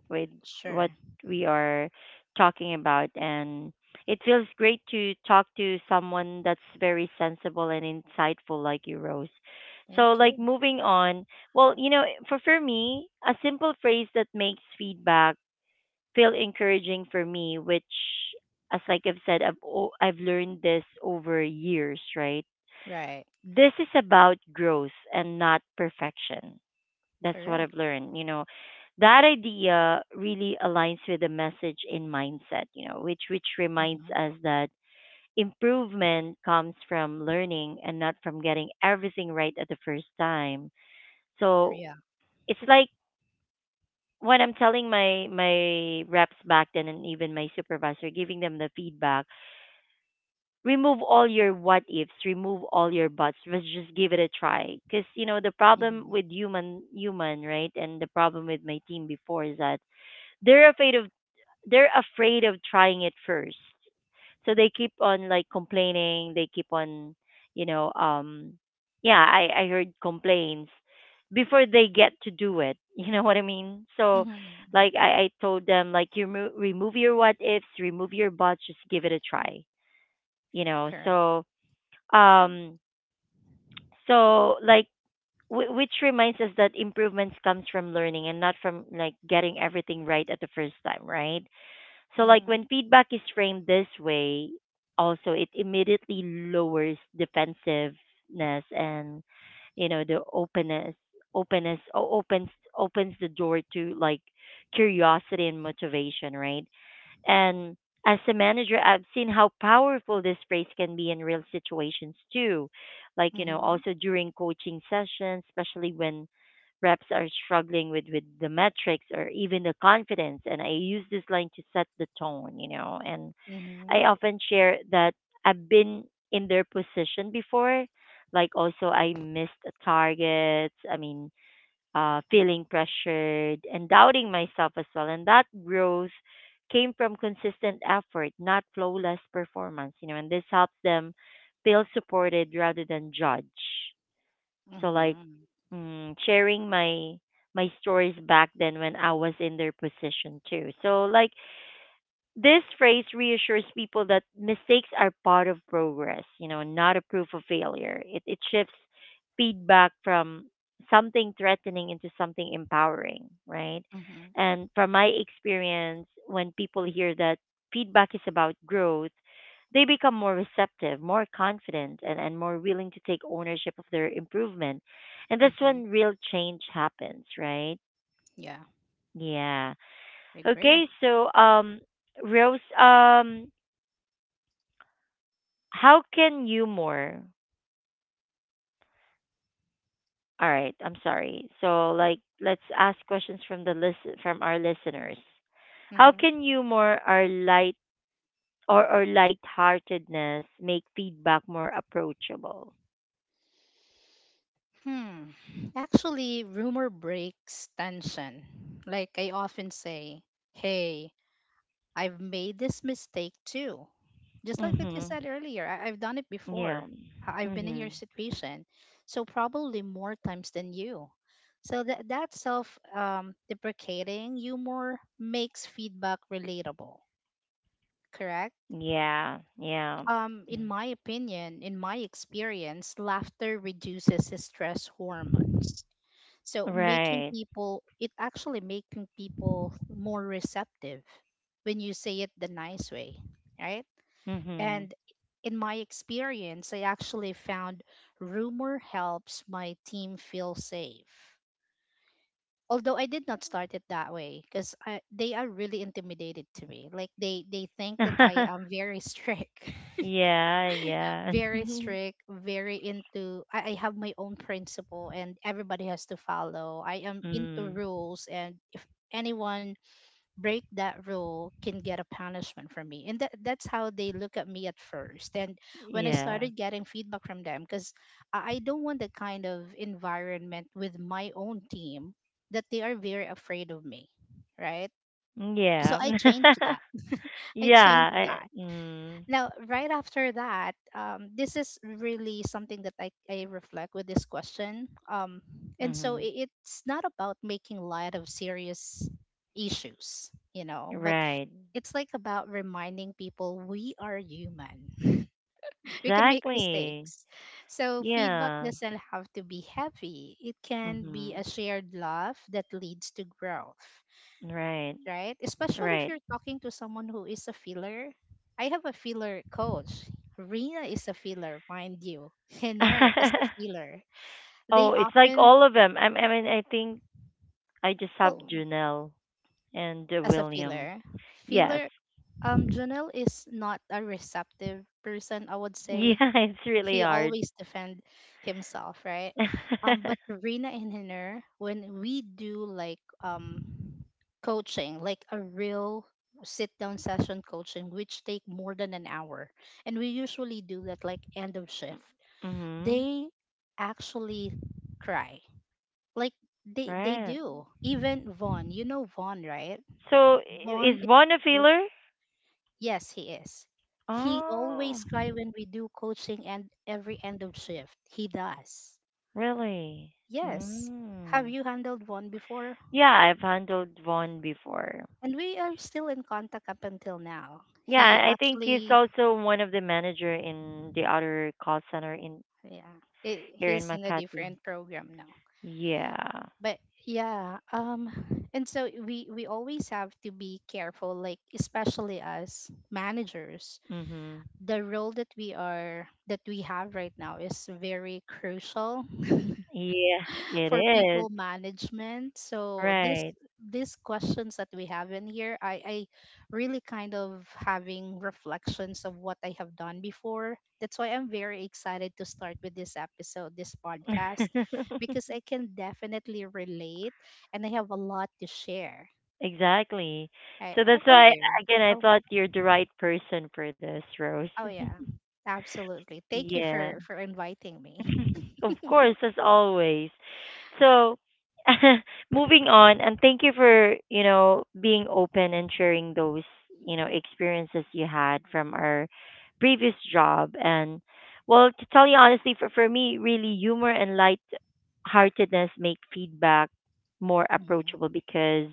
with
Sure.
what we are talking about, and it feels great to talk to someone that's very sensible and insightful, like you, Rose. So,
Thank
like,
you.
moving on. Well, you know, for for me, a simple phrase that makes feedback feel encouraging for me, which, as like I've said, I've o- I've learned this over years, right?
Right.
This is about growth and not perfection. That's what I've
Correct.
learned. You know, that idea really aligns with the message in mindset. You know, which which reminds
Hmm.
us that improvement comes from learning and not from getting everything right at the first time. So
Yeah.
it's like when I'm telling my my reps back then and even my supervisor, giving them the feedback, remove all your what ifs, remove all your buts. Let's just give it a try. Because you know the problem
Hmm.
with human human, right, and the problem with my team before is that they're afraid of they're afraid of trying it first, so they keep on like complaining, they keep on, you know, um yeah, i i heard complaints before they get to do it. You know what I mean? So
Hmm.
like i i told them like, you remo- remove your what ifs, remove your buts, just give it a try, you know.
Correct.
So um so like, w- which reminds us that improvements comes from learning and not from like getting everything right at the first time, right? So like
Hmm.
when feedback is framed this way, also it immediately lowers defensiveness, and you know the openness, openness o- opens opens the door to like curiosity and motivation, right? And as a manager, I've seen how powerful this phrase can be in real situations too. Like, you know,
Hmm.
also during coaching sessions, especially when reps are struggling with, with the metrics or even the confidence. And I use this line to set the tone, you know. And
Hmm.
I often share that I've been in their position before. Like, also, I missed targets. I mean, uh, feeling pressured and doubting myself as well. And that growth came from consistent effort, not flawless performance, you know, and this helps them feel supported rather than judged. So, like,
Hmm.
mm, sharing my my stories back then when I was in their position too. So like this phrase reassures people that mistakes are part of progress, you know, not a proof of failure. It, it shifts feedback from something threatening into something empowering, right?
Hmm.
And from my experience, when people hear that feedback is about growth, they become more receptive, more confident, and, and more willing to take ownership of their improvement. And that's
Hmm.
when real change happens, right?
Yeah.
Yeah.
I agree.
Okay, so um Rose, um how can you more? All right, I'm sorry. So like let's ask questions from the listen from our listeners. How
Hmm.
can humor or light or or lightheartedness make feedback more approachable?
Hmm. Actually, rumor breaks tension. Like I often say, hey, I've made this mistake too. Just like what you
Mhm.
said earlier, I- I've done it before.
Yeah.
I- I've been in your
Mhm.
situation. So, probably more times than you. So, that, that self, um, deprecating humor makes feedback relatable, correct?
Yeah. Yeah.
Um, in
Mm.
my opinion, in my experience, laughter reduces stress hormones. So, making
Right.
people, it actually making people more receptive when you say it the nice way, right?
Mhm.
And in my experience, I actually found rumor helps my team feel safe. Although I did not start it that way because they are really intimidated to me. Like they they think that I am very strict,
Yeah, yeah.
very strict, very into. I, I have my own principle and everybody has to follow. I am into
Mm.
rules, and if anyone break that rule can get a punishment from me. And that, that's how they look at me at first. And when I
Yeah.
started getting feedback from them, because I, I don't want that kind of environment with my own team, that they are very afraid of me, right? So
Yeah.
I changed that. i
Yeah.
changed
I,
that
mm.
Now, right after that, um, this is really something that I, I reflect with this question. Um, and so
Mhm.
it, it's not about making light of serious issues, you know, but
Right.
it's like about reminding people we are human. We can make
Exactly.
mistakes. So feedback
Yeah.
doesn't have to be heavy, it can be a
Mhm.
shared love that leads to growth,
Right.
right? Especially if
Right.
you're talking to someone who is a filler. I have a filler coach. Rina is a filler, mind you. Henner is a filler. They
Oh, it's like
often
all of them. I, I mean, I think I just have
oh,
Junelle and uh,
as a
William.
filler.
Yes.
Filler um Janelle is not a receptive person, I would
Yeah,
say.
it's really
He
hard.
always defend himself, right? Um, but Rina and Hiner, when we do like um coaching, like a real sit down session coaching, which take more than an hour, and we usually do that like end of shift,
Mhm.
they actually cry. Like they they
Right.
do. Even Vaughn, you know Vaughn, right?
So i-
Vaughn
is Vaughn a
is.
feeler?
Yes, he is. He
Oh,
always cry when we do coaching and every end of shift. He does.
really?
Yes. Have
Mm.
you handled one before?
Yeah, I've handled Vaughn before.
And we are still in contact up until now.
Yeah,
He
I think he's
actually,
also one of the manager in the other call center in
yeah, I
here in
he's in a
Makati.
different program now.
Yeah.
But yeah, um, and so we we always have to be careful, like especially as managers,
Mhm.
the role that we are that we have right now is very crucial
Yeah, it
for
is.
people management. So this
Right.
these questions that we have in here, I, I really kind of having reflections of what I have done before. That's why I'm very excited to start with this episode, this podcast, because I can definitely relate and I have a lot to share.
Exactly.
Right.
So
How
that's
about
why
you?
again I
Oh,
thought you're the right person for this, Rose.
oh yeah. Absolutely. Thank you
Yeah.
for for inviting me.
Of course, as always. So, moving on, and thank you for, you know, being open and sharing those, you know, experiences you had from our previous job. And, well, to tell you honestly, for, for me, really, humor and light heartedness make feedback more
Mhm.
approachable because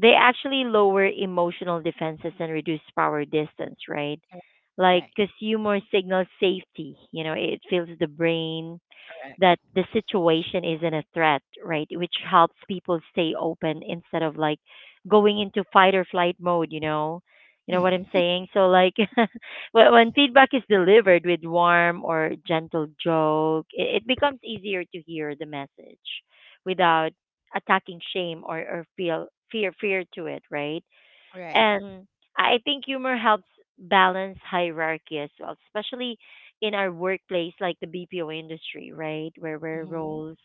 they actually lower emotional defenses and reduce power distance, right? Like,
Right.
because humor signals safety, you know, it fills the brain
Correct.
that the situation isn't a threat, right? Which helps people stay open instead of like going into fight or flight mode, you know? You know what I'm saying? So like when when feedback is delivered with warm or gentle joke, it, it becomes easier to hear the message without attacking shame, or, or feel fear fear to it, right?
Right.
And I think humor helps balance hierarchy as well, especially in our workplace, like the B P O industry, right? Where, where
Mm-hmm.
roles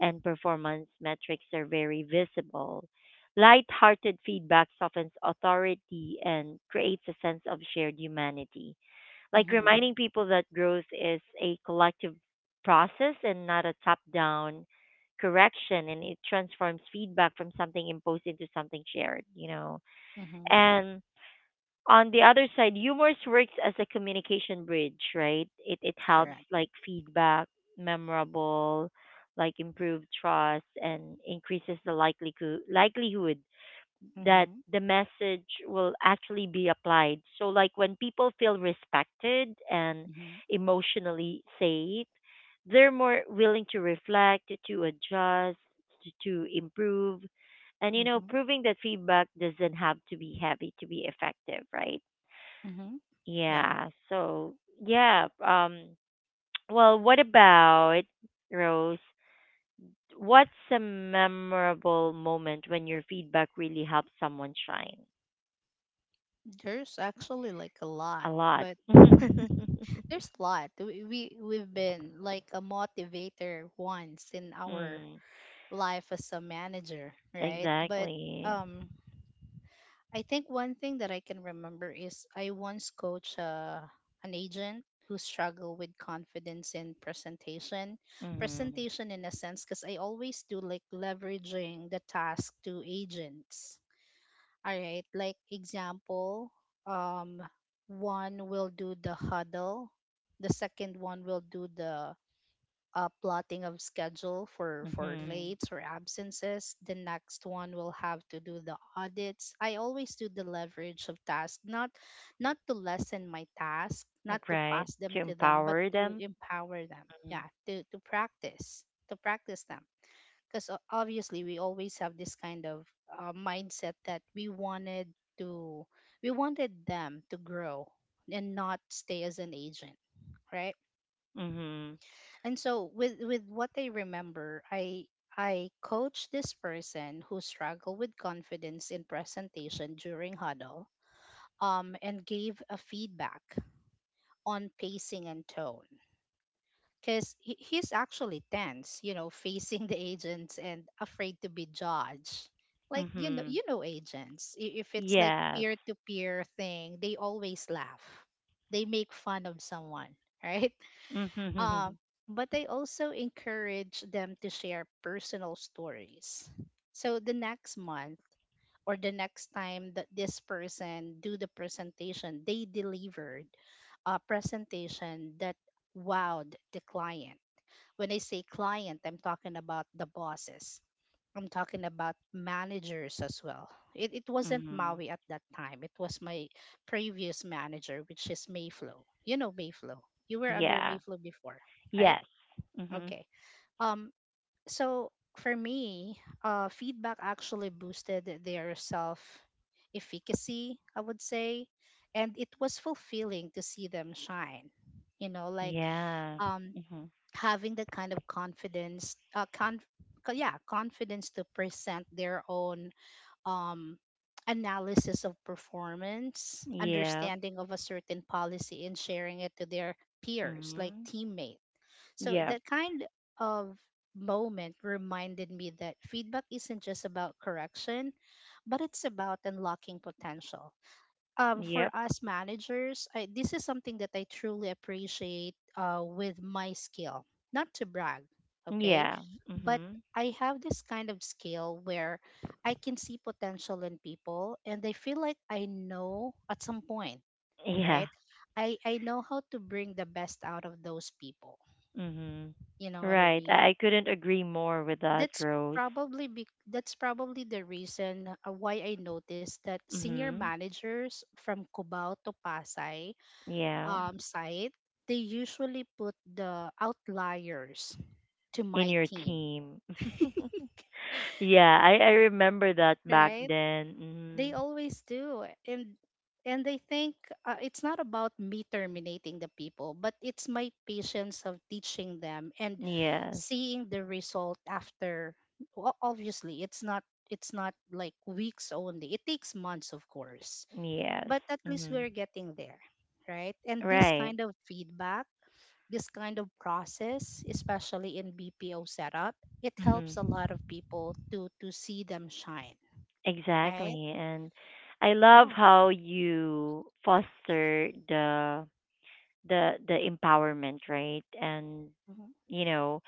and performance metrics are very visible. Light-hearted feedback softens authority and creates a sense of shared humanity. Like
Mm-hmm.
reminding people that growth is a collective process and not a top-down correction, and it transforms feedback from something imposed into something shared, you know.
Mm-hmm.
And on the other side, humor works as a communication bridge, right? It it helps
Correct.
like feedback, memorable, like improve trust and increases the likelihood likelihood that
Mm-hmm.
the message will actually be applied. So like when people feel respected and
Mm-hmm.
emotionally safe, they're more willing to reflect, to adjust, to, to improve. And you know,
Mm-hmm.
proving that feedback doesn't have to be heavy to be effective, right?
Mm-hmm. Yeah.
Yeah. So yeah. Um. Well, what about Rose? What's a memorable moment when your feedback really helps someone shine?
There's actually like a
A
lot,
lot.
but there's a lot. We, we we've been like a motivator once in our
Mm,
life as a manager, right? But
exactly.
um I think one thing that I can remember is I once coached uh, an agent who struggled with confidence in presentation.
Mm-hmm.
Presentation in a sense because I always do like leveraging the task to agents. All right, like example, um, one will do the huddle, the second one will do the uh, plotting of schedule for for
Mm-hmm.
lates or absences. The next one will have to do the audits. I always do the leverage of tasks, not not to lessen my task, not to
Right.
pass
To
them to them, but
empower
to
them.
empower them.
Mm-hmm.
Yeah, to to practice, to practice them because obviously we always have this kind of uh, mindset that we wanted to we wanted them to grow and not stay as an agent, right?
Mm-hmm.
And so with with what I remember, i i coached this person who struggled with confidence in presentation during huddle, um, and gave a feedback on pacing and tone because he, he's actually tense, you know, facing the agents and afraid to be judged. Like you know,
Mm-hmm.
you know, agents. I- If it's like
Yes.
peer to peer thing, they always laugh. They make fun of someone, right? Um,
Mm-hmm.
but they also encourage them to share personal stories. So the next month or the next time that this person do the presentation, they delivered a presentation that wowed the client. When I say client, I'm talking about the bosses. I'm talking about managers as well. It, it wasn't
Mm-hmm.
Maui at that time. It was my previous manager, which is Mayflow. You know Mayflow. You were under
Yeah.
Mayflow before, right?
Yes. Mm-hmm.
Okay. Um, so for me, uh, feedback actually boosted their self efficacy, I would say. And it was fulfilling to see them shine. You know, like
Yeah.
um,
Mm-hmm.
having the kind of confidence uh con- co- yeah confidence to present their own um analysis of performance,
Yep.
understanding of a certain policy and sharing it to their peers like
Mhm.
teammates. So
Yep.
that kind of moment reminded me that feedback isn't just about correction, but it's about unlocking potential. um,
Yep.
for us managers, I, this is something that I truly appreciate uh, with my skill. Not to brag, okay?
Yeah.
But
Mhm.
I have this kind of skill where I can see potential in people and I feel like I know at some point,
Yeah.
right? I, I know how to bring the best out of those people.
Mhm.
You know what I
Right. I,
mean?
I couldn't agree more with that,
That's
Rose.
probably be, that's probably the reason uh, why I noticed that senior
Mhm.
managers from Cubao to Pasay
Yeah.
um, site, they usually put the outliers to
In
my
your
team,
team. Yeah, I I remember that back
right?
then.
They
Mhm.
always do, and and they think uh, it's not about me terminating the people, but it's my patience of teaching them and
Yes.
seeing the result after. O- Obviously, it's not it's not like weeks only. It takes months, of course,
Yes.
but at least
Mhm.
we're getting there, right? And this
Right.
kind of feedback, this kind of process, especially in B P O setup, it helps
Mhm.
a lot of people to to see them shine, right?
Exactly. And I love
Yeah.
how you foster the the the empowerment, right? And
Mm-hmm.
you know,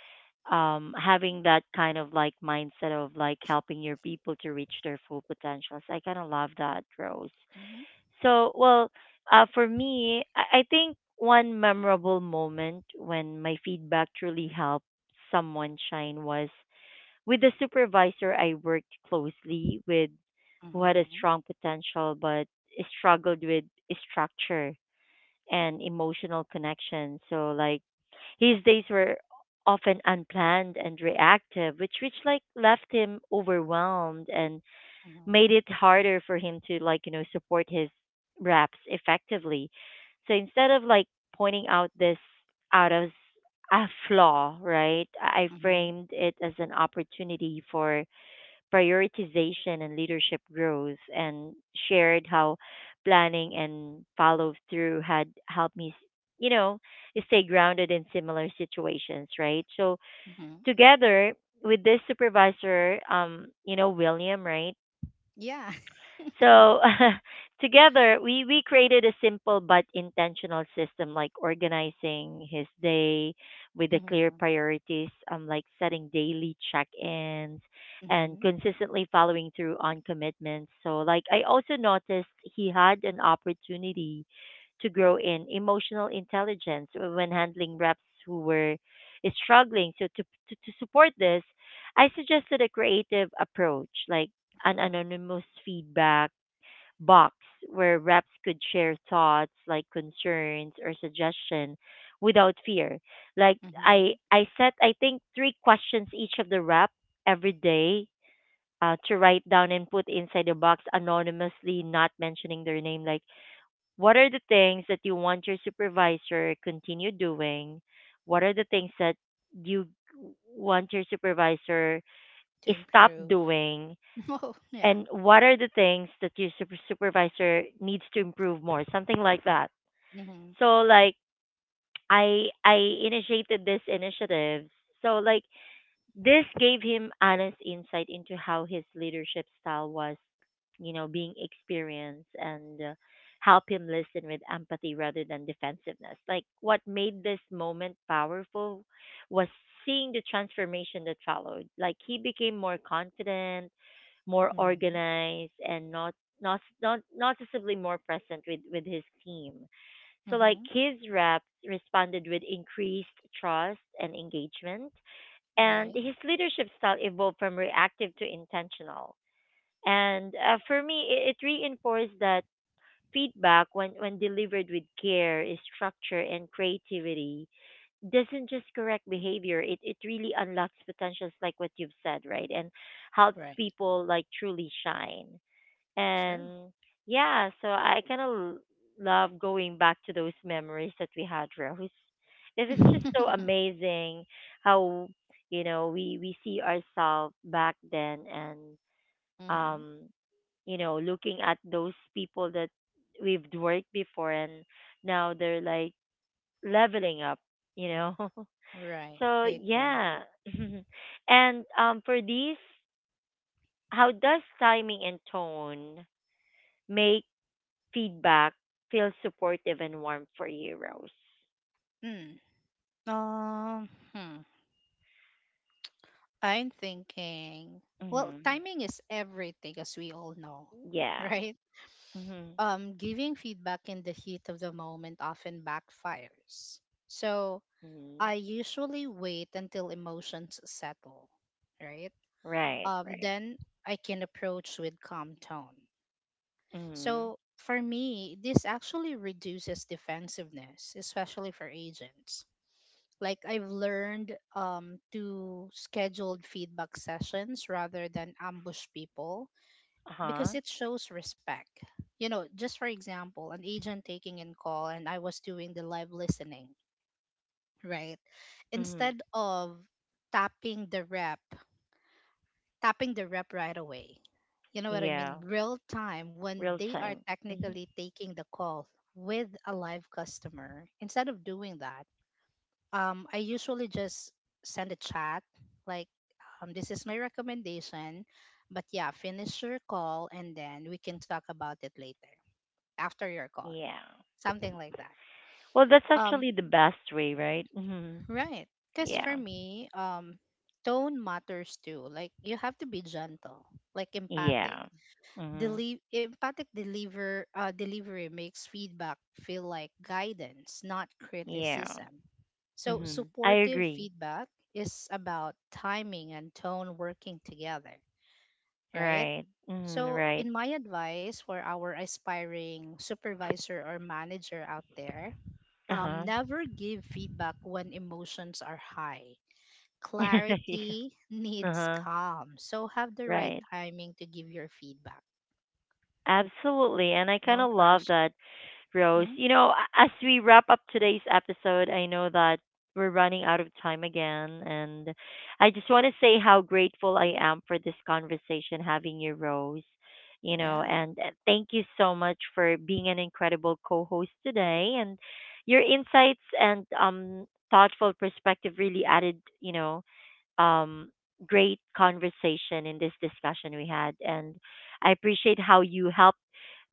um, having that kind of like mindset of like helping your people to reach their full potentials. I kind of love that, Rose.
Mm-hmm.
So, well, uh, for me, I, I think one memorable moment when my feedback truly helped someone shine was with the supervisor I worked closely with, who had a
Mm-hmm.
strong potential but struggled with structure and emotional connection. So like his days were often unplanned and reactive, which which like left him overwhelmed and
Mm-hmm.
made it harder for him to like, you know, support his reps effectively. So instead of like pointing out this out as a flaw, right? I I
Mm-hmm.
framed it as an opportunity for prioritization and leadership growth, and shared how planning and follow through had helped me, you know, stay grounded in similar situations, right? So
Mm-hmm.
together with this supervisor, um, you know, William, right?
Yeah.
So together, we, we created a simple but intentional system, like organizing his day with the clear
Mm-hmm.
priorities, um, like setting daily check-ins and
Mm-hmm.
consistently following through on commitments. So, like, I also noticed he had an opportunity to grow in emotional intelligence when handling reps who were struggling. So, to, to, to support this, I suggested a creative approach, like an anonymous feedback box where reps could share thoughts like concerns or suggestion without fear. Like I
Mm-hmm.
I set I think three questions each of the rep every day uh, to write down and put inside the box anonymously, not mentioning their name. Like what are the things that you want your supervisor continue doing? What are the things that you want your supervisor
To
stop
improve.
doing,
Oh, yeah.
and what are the things that your super- supervisor needs to improve more, something like that?
Mm-hmm.
So like I I initiated this initiative. So like this gave him honest insight into how his leadership style was, you know, being experienced and uh, help him listen with empathy rather than defensiveness. Like what made this moment powerful was seeing the transformation that followed. Like he became more confident, more
Mm-hmm.
organized, and not not not noticeably more present with with his team. So like
Mm-hmm.
his reps responded with increased trust and engagement, and
Right.
his leadership style evolved from reactive to intentional. And uh, for me, it, it reinforced that feedback, when when delivered with care, is structure, and creativity doesn't just correct behavior, it it really unlocks potentials like what you've said, right? And helps
Right.
people like truly shine.
True.
And yeah, so I kind of love going back to those memories that we had, Rose. It is
Mm-hmm.
just so amazing how, you know, we, we see ourselves back then and, um, you know, looking at those people that we've worked before, and now they're like leveling up, you know.
Right.
So
I agree.
yeah. And um for these, how does timing and tone make feedback feels supportive and warm for you, Rose?
Mm. Um. hmm. I'm thinking, well,
Mhm.
timing is everything, as we all know,
Yeah.
right?
Mhm.
Um, giving feedback in the heat of the moment often backfires. So
Mhm.
I usually wait until emotions settle, right?
Right,
Um,
right.
then I can approach with calm tone.
Mhm.
So for me, this actually reduces defensiveness, especially for agents. Like I've learned um, to schedule feedback sessions rather than ambush people
Uh-huh.
because it shows respect. You know, just for example, an agent taking in call and I was doing the live listening, right?
Mhm.
Instead of tapping the rep, tapping the rep right away. You know what I mean?
Yeah.
Real time when
Real
they are
time. Mhm.
technically taking the call with a live customer. Instead of doing that, um, I usually just send a chat like, um, this is my recommendation. But yeah, finish your call and then we can talk about it later after your call.
Yeah.
Something like that.
Well, that's
Um,
actually the best way, right? Mhm.
right. Because for
Yeah.
me, um, tone matters too. Like, you have to be gentle, like empathic.
Yeah. Mhm.
Deli- empathic deliver uh, delivery makes feedback feel like guidance, not
Yeah.
criticism. So
Mhm. I
supportive
agree.
feedback is about timing and tone working together, right?
Right. Mm,
So
right.
in my advice for our aspiring supervisor or manager out there, um,
Uh-huh.
never give feedback when emotions are high.
Yeah.
Clarity needs
Uh-huh.
calm. So have the right
Right.
timing to give your feedback.
Absolutely. And I kind
Don't
of love
rush it.
that, Rose.
Hmm?
You know, a- as we wrap up today's episode, I know that we're running out of time again. And I just want to say how grateful I am for this conversation, having you, Rose. You know,
Yeah.
and uh, thank you so much for being an incredible co host today. And your insights and um, thoughtful perspective really added, you know, um, great conversation in this discussion we had. And I appreciate how you helped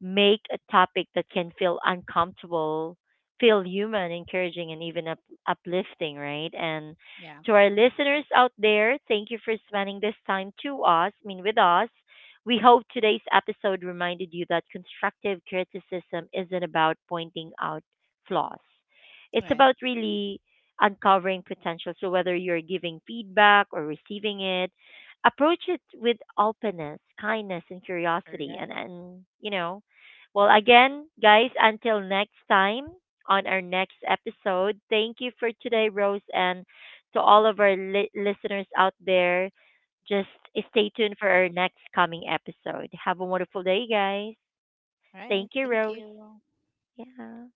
make a topic that can feel uncomfortable feel human, encouraging, and even up- uplifting, right? And
Yeah.
to our listeners out there, thank you for spending this time to us, I mean, with us. We hope today's episode reminded you that constructive criticism isn't about pointing out flaws. It's
Right.
about really uncovering potential. So, whether you're giving feedback or receiving it, approach it with openness, kindness, and curiosity.
Correct.
And, and you know, well, again, guys, until next time on our next episode, thank you for today, Rose, and to all of our li- listeners out there. Just stay tuned for our next coming episode. Have a wonderful day, guys.
All right.
Thank you,
Thank
Rose.
you.
Yeah.